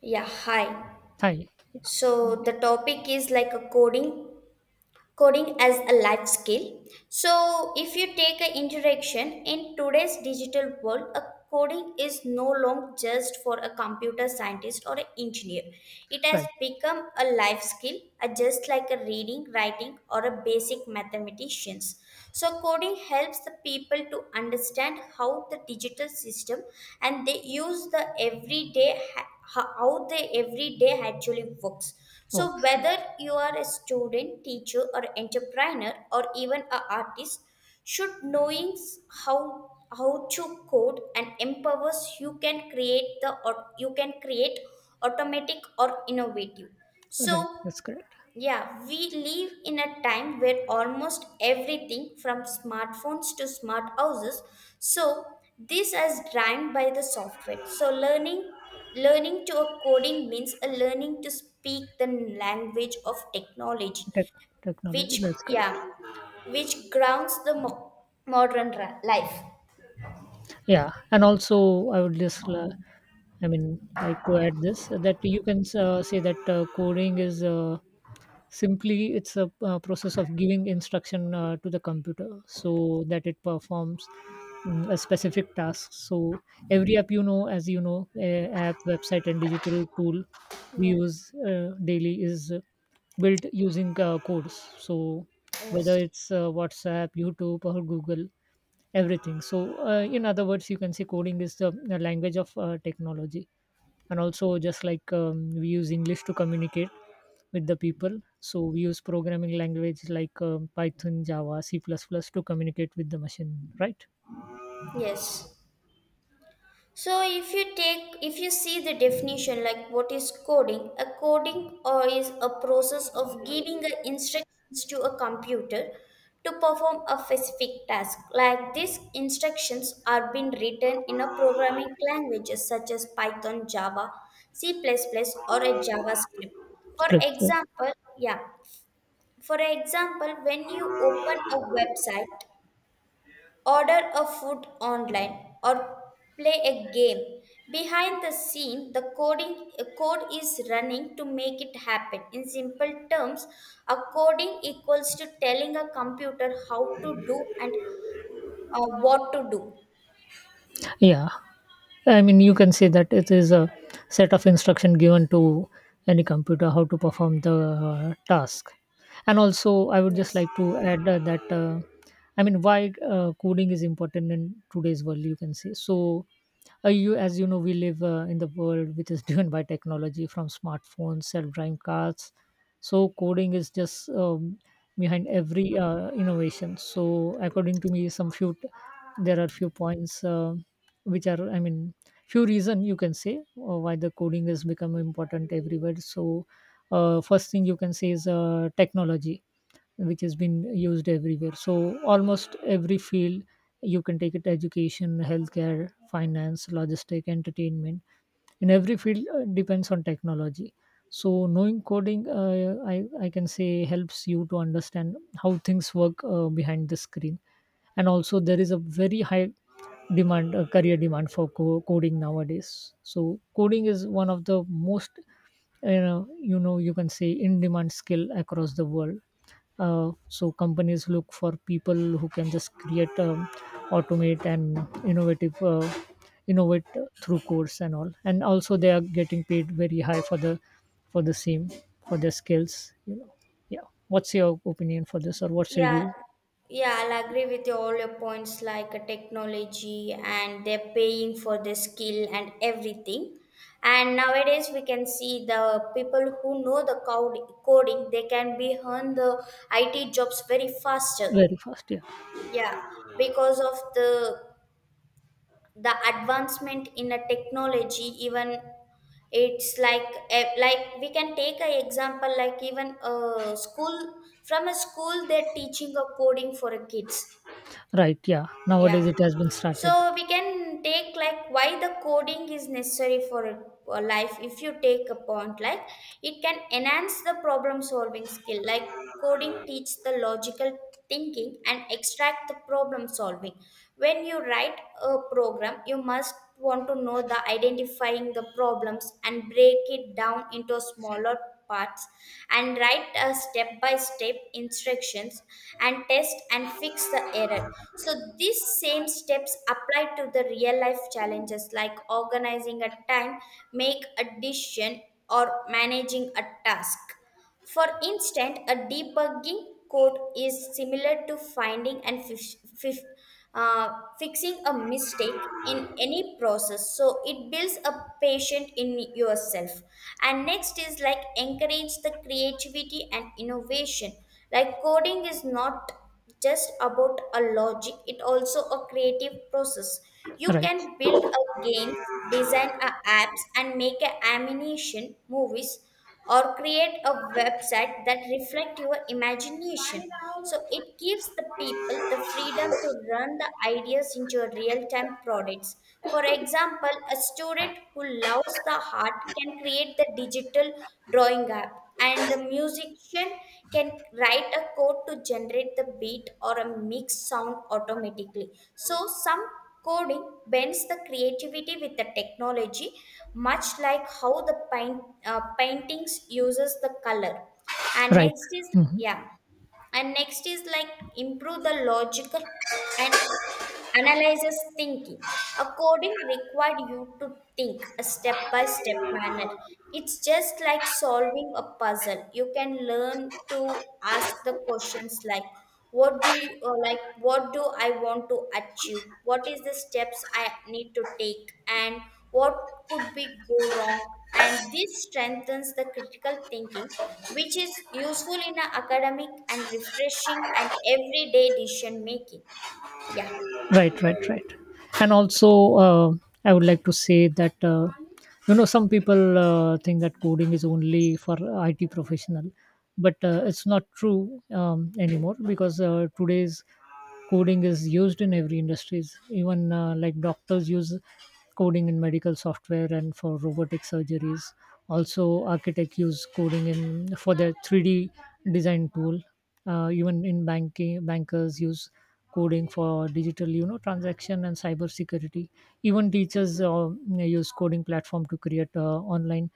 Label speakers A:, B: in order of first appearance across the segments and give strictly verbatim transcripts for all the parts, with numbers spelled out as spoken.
A: Yeah, hi.
B: Hi.
A: So the topic is like a coding coding as a life skill. So if you take an introduction, in today's digital world a coding is no longer just for a computer scientist or an engineer. It has
B: Right.
A: become a life skill, uh, just like a reading, writing, or a basic mathematicians. So coding helps the people to understand how the digital system, and they use the everyday ha- how the everyday actually works. So
B: Works.
A: whether you are a student, teacher, or entrepreneur, or even an artist, should knowing s- how how to code and empowers, you can create the, or you can create automatic or innovative.
B: Right.
A: So
B: Right. That's correct.
A: yeah, we live in a time where almost everything from smartphones to smart houses. So this is driven by the software. So learning learning to a coding means a learning to speak the language of technology,
B: Tech Technology.
A: which
B: That's correct.
A: yeah, which grounds the mo- modern ra- life.
B: Yeah. And also, I would just, uh, I mean, like to add this that you can uh, say that uh, coding is uh, simply it's a uh, process of giving instruction uh, to the computer so that it performs mm, a specific task. So every app you know as you know uh, app, website and digital tool we
A: Yeah.
B: use uh, daily is uh, built using uh, codes. So whether
A: Yes.
B: it's uh, WhatsApp, YouTube or Google, everything. So uh, in other words, you can say coding is the, the language of uh, technology. And also, just like um, we use English to communicate with the people, so we use programming language like um, Python, Java, C++ to communicate with the machine, right?
A: Yes. So if you take if you see the definition, like what is coding, a coding or is a process of giving a instructions to a computer to perform a specific task. Like these instructions are being written in a programming languages such as Python, Java, C++ plus plus, or a JavaScript. For
B: Correct. Yeah.
A: example, yeah, for example, when you open a website, order a food online, or play a game, behind the scene the coding a code is running to make it happen. In simple terms, a coding equals to telling a computer how to do and uh, what to do.
B: Yeah, I mean, you can say that it is a set of instruction given to any computer how to perform the uh, task. And also, I would just like
A: Yes.
B: to add uh, that uh, I mean, why uh, coding is important in today's world, you can say. So, uh, you, as you know, we live uh, in the world which is driven by technology, from smartphones, self-driving cars. So, coding is just um, behind every uh, innovation. So, according to me, some few there are few points. Uh, which are I mean Few reason, you can say, uh, why the coding has become important everywhere. So uh, first thing you can say is uh, technology, which has been used everywhere. So almost every field, you can take it: education, healthcare, finance, logistic, entertainment. In every field, uh, depends on technology. So knowing coding, uh, I, I can say, helps you to understand how things work uh, behind the screen. And also, there is a very high demand, uh, career demand for co- coding nowadays. So coding is one of the most, you know you know you can say, in demand skill across the world. Uh, so companies look for people who can just create, um, automate and innovative uh, innovate through codes and all. And also, they are getting paid very high for the for the same, for their skills, you know. Yeah, what's your opinion for this, or what's your
A: Yeah,
B: view?
A: yeah, I'll agree with you all your points, like uh, technology and they're paying for the skill and everything. And nowadays we can see the people who know the code coding, they can be earn the I T jobs very faster.
B: Very fast, yeah.
A: Yeah, because of the the advancement in a technology, even it's like eh, like we can take an example, like even a school, from a school they're teaching a coding for a kids.
B: Right, yeah,
A: Yeah.
B: nowadays it has been started.
A: So we can take like why the coding is necessary for a life. If you take a point, like it can enhance the problem solving skill. Like coding teach the logical thinking and extract the problem solving. When you write a program, you must want to know the identifying the problems and break it down into smaller parts, and write a step by step instructions, and test and fix the error. So these same steps apply to the real life challenges, like organizing a time, make a decision, or managing a task. For instance, a debugging code is similar to finding and fif- fif- uh, fixing a mistake in any process. So it builds a patient in yourself. And next is like encourage the creativity and innovation. Like coding is not just about a logic, it also a creative process. You
B: Right,
A: can build a games, design a apps, and make a animation movies, or create a website that reflect your imagination. So it gives the people the freedom to run the ideas into a real-time products. For example, a student who loves the art can create the digital drawing app, and the musician can write a code to generate the beat or a mix sound automatically. So some coding bends the creativity with the technology, much like how the paint, uh, paintings uses the color. And
B: right,
A: next is yeah, and next is like improve the logical and Analyzes thinking. A coding required you to think a step by step manner. It's just like solving a puzzle. You can learn to ask the questions like what do you or like what do I want to achieve? What is the steps I need to take, and what could be go wrong? And this strengthens the critical thinking, which is useful in a academic and refreshing and everyday decision making. Yeah.
B: right. Right, right. And also, uh, I would like to say that uh, you know, some people uh, think that coding is only for IT professional, but uh, it's not true um, anymore, because uh, today's coding is used in every industries. Even uh, like doctors use coding in medical software and for robotic surgeries. Also, architect use coding in for their three d design tool. Uh, even in banking, bankers use coding for digital, you know, transaction and cyber security. Even teachers uh, use coding platform to create uh, online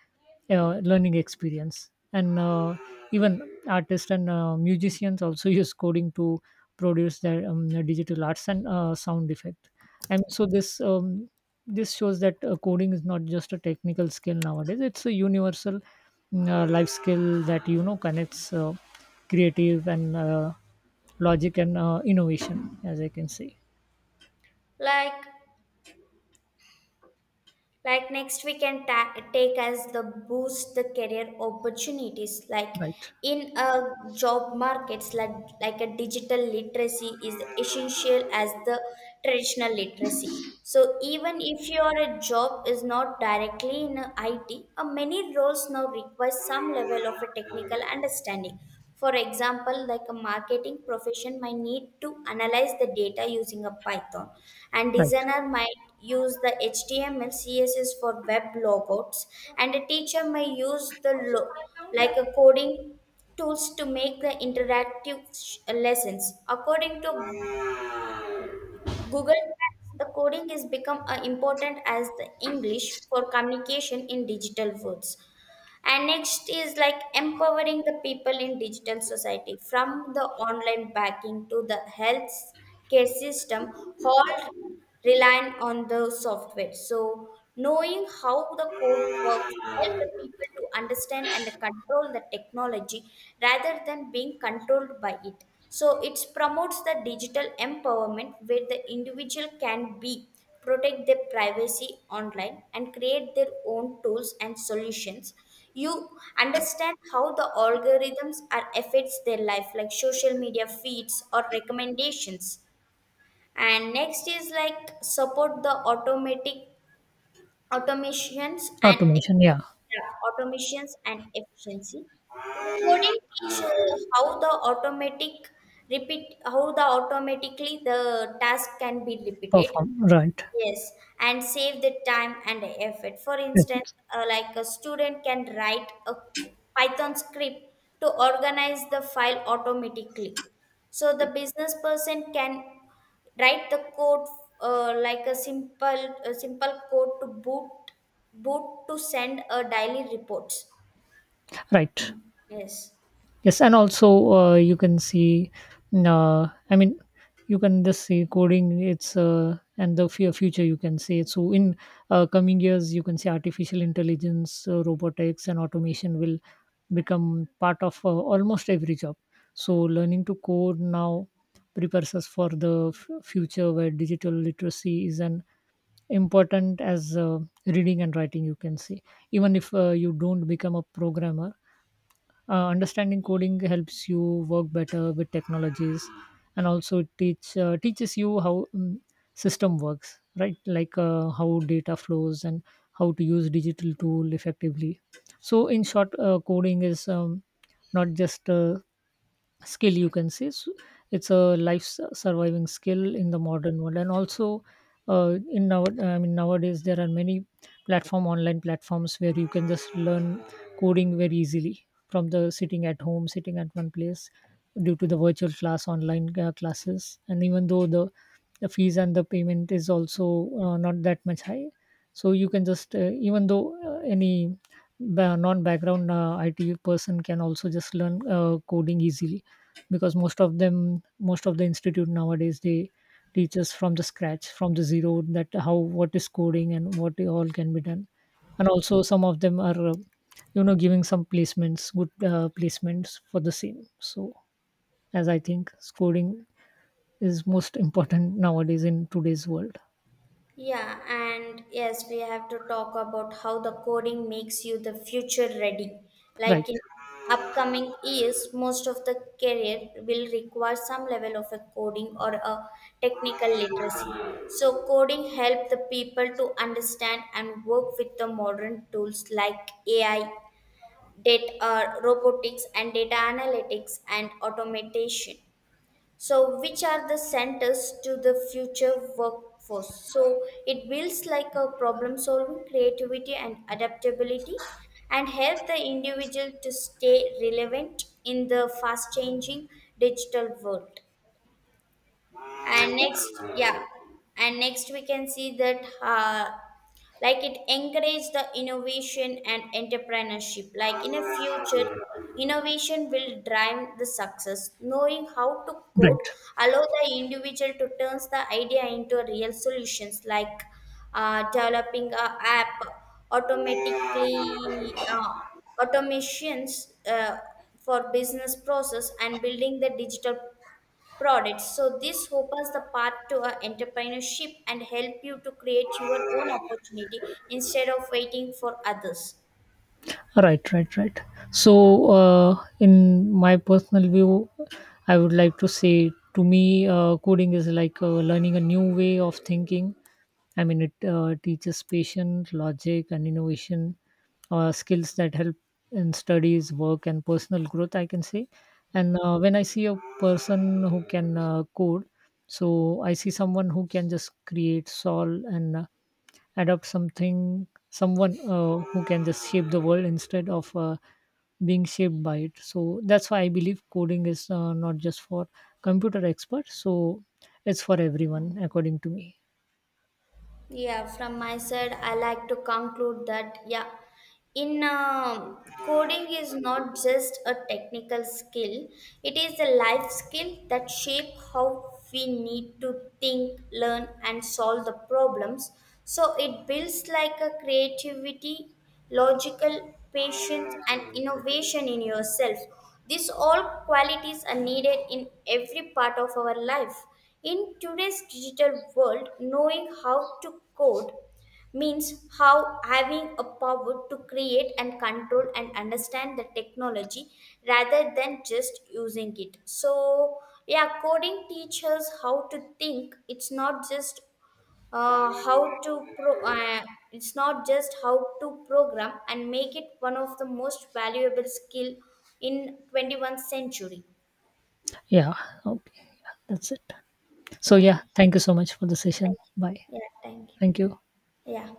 B: uh, learning experience. And uh, even artists and uh, musicians also use coding to produce their um, digital arts and uh, sound effect. And so this um, this shows that uh, coding is not just a technical skill nowadays, it's a universal mm, uh, life skill that, you know, connects uh, creative and uh, logic and uh, innovation, as I can see.
A: Like, like next we can ta- take as the boost the career opportunities. Like
B: Right,
A: in a job markets, like like a digital literacy is essential as the traditional literacy. So even if your job is not directly in I T, uh, many roles now require some level of a technical understanding. For example, like a marketing profession might need to analyze the data using a Python, and
B: right.
A: designer might use the H T M L, C S S for web logouts, and a teacher may use the lo- like a coding tools to make the interactive sh- lessons. According to Google Trends, the coding is become uh, important as the English for communication in digital worlds. And next is like empowering the people in digital society. From the online banking to the health care system, all relying on the software. So knowing how the code works help the people to understand and control the technology rather than being controlled by it. So it promotes the digital empowerment where the individual can be protect their privacy online and create their own tools and solutions. You understand how the algorithms are affects their life, like social media feeds or recommendations. And next is like support the automatic automations and
B: Automation, yeah.
A: yeah, automations and efficiency. Coding teach uh, how the automatic repeat how the automatically the task can be repeated.
B: Perform, right.
A: Yes, and save the time and the effort. For
B: Yes,
A: instance,
B: yes.
A: uh, like a student can write a Python script to organize the file automatically. So the business person can write the code, uh, like a simple a simple code to boot boot to send a daily reports.
B: Right.
A: Yes.
B: Yes, and also uh, you can see, mm, uh, I mean, you can just see coding, it's uh, and the fu- future, you can say. So in uh, coming years, you can see artificial intelligence, uh, robotics, and automation will become part of uh, almost every job. So learning to code now prepares us for the f- future where digital literacy is an important as uh, reading and writing, you can say. Even if uh, you don't become a programmer, uh, understanding coding helps you work better with technologies. And also, it teach uh, teaches you how um, system works, right, like uh, how data flows and how to use digital tool effectively. So in short, uh, coding is um, not just uh, skill, you can say. So it's a life su- surviving skill in the modern world. And also, uh, in now I mean nowadays there are many platform, online platforms where you can just learn coding very easily, from the sitting at home, sitting at one place, due to the virtual class, online uh, classes. And even though the the fees and the payment is also uh, not that much high, so you can just uh, even though uh, any ba- non-background uh, I T person can also just learn uh, coding easily, because most of them, most of the institute nowadays, they teach us from the scratch, from the zero, that how, what is coding and what all can be done. And also, some of them are uh, you know, giving some placements, good uh, placements for the same. So as I think, coding is most important nowadays, in today's world.
A: Yeah, and yes, we have to talk about how the coding makes you the future ready.
B: Right,
A: Like in upcoming years, most of the career will require some level of a coding or a technical literacy. So coding help the people to understand and work with the modern tools like A I, data, uh, robotics and data analytics and automation. So, which are the centers to the future workforce? So, it builds like a problem solving, creativity, and adaptability, and help the individual to stay relevant in the fast changing digital world. And next yeah, and next we can see that, uh, like it encourage the innovation and entrepreneurship. Like in a future, innovation will drive the success. Knowing how to code
B: right,
A: allow the individual to turn the idea into real solutions, like uh, developing a app, automatically uh, automations uh, for business process, and building the digital products. So this opens the path to a entrepreneurship and help you to create your own opportunity instead of waiting for others.
B: right. Right, right. So uh, in my personal view, I would like to say, to me uh, coding is like uh, learning a new way of thinking. I mean, it uh, teaches patience, logic and innovation, uh, skills that help in studies, work and personal growth, I can say. And uh, when I see a person who can uh, code, so I see someone who can just create, solve and uh, adopt something, someone uh, who can just shape the world instead of uh, being shaped by it. So that's why I believe coding is uh, not just for computer experts, so it's for everyone, according to me.
A: Yeah, from my side, I like to conclude that yeah, in um coding is not just a technical skill, it is a life skill that shape how we need to think, learn, and solve the problems. So it builds like a creativity, logical, patience, and innovation in yourself. These all qualities are needed in every part of our life. In today's digital world, knowing how to code means how having a power to create and control and understand the technology rather than just using it. So yeah, coding teaches how to think. It's not just uh, how to pro uh, it's not just how to program, and make it one of the most valuable skill in twenty-first century.
B: Yeah. Okay, yeah, that's it. So
A: Yeah,
B: yeah, thank you so much for the session.
A: thank
B: Bye.
A: you, yeah, thank you,
B: Thank you.
A: yeah.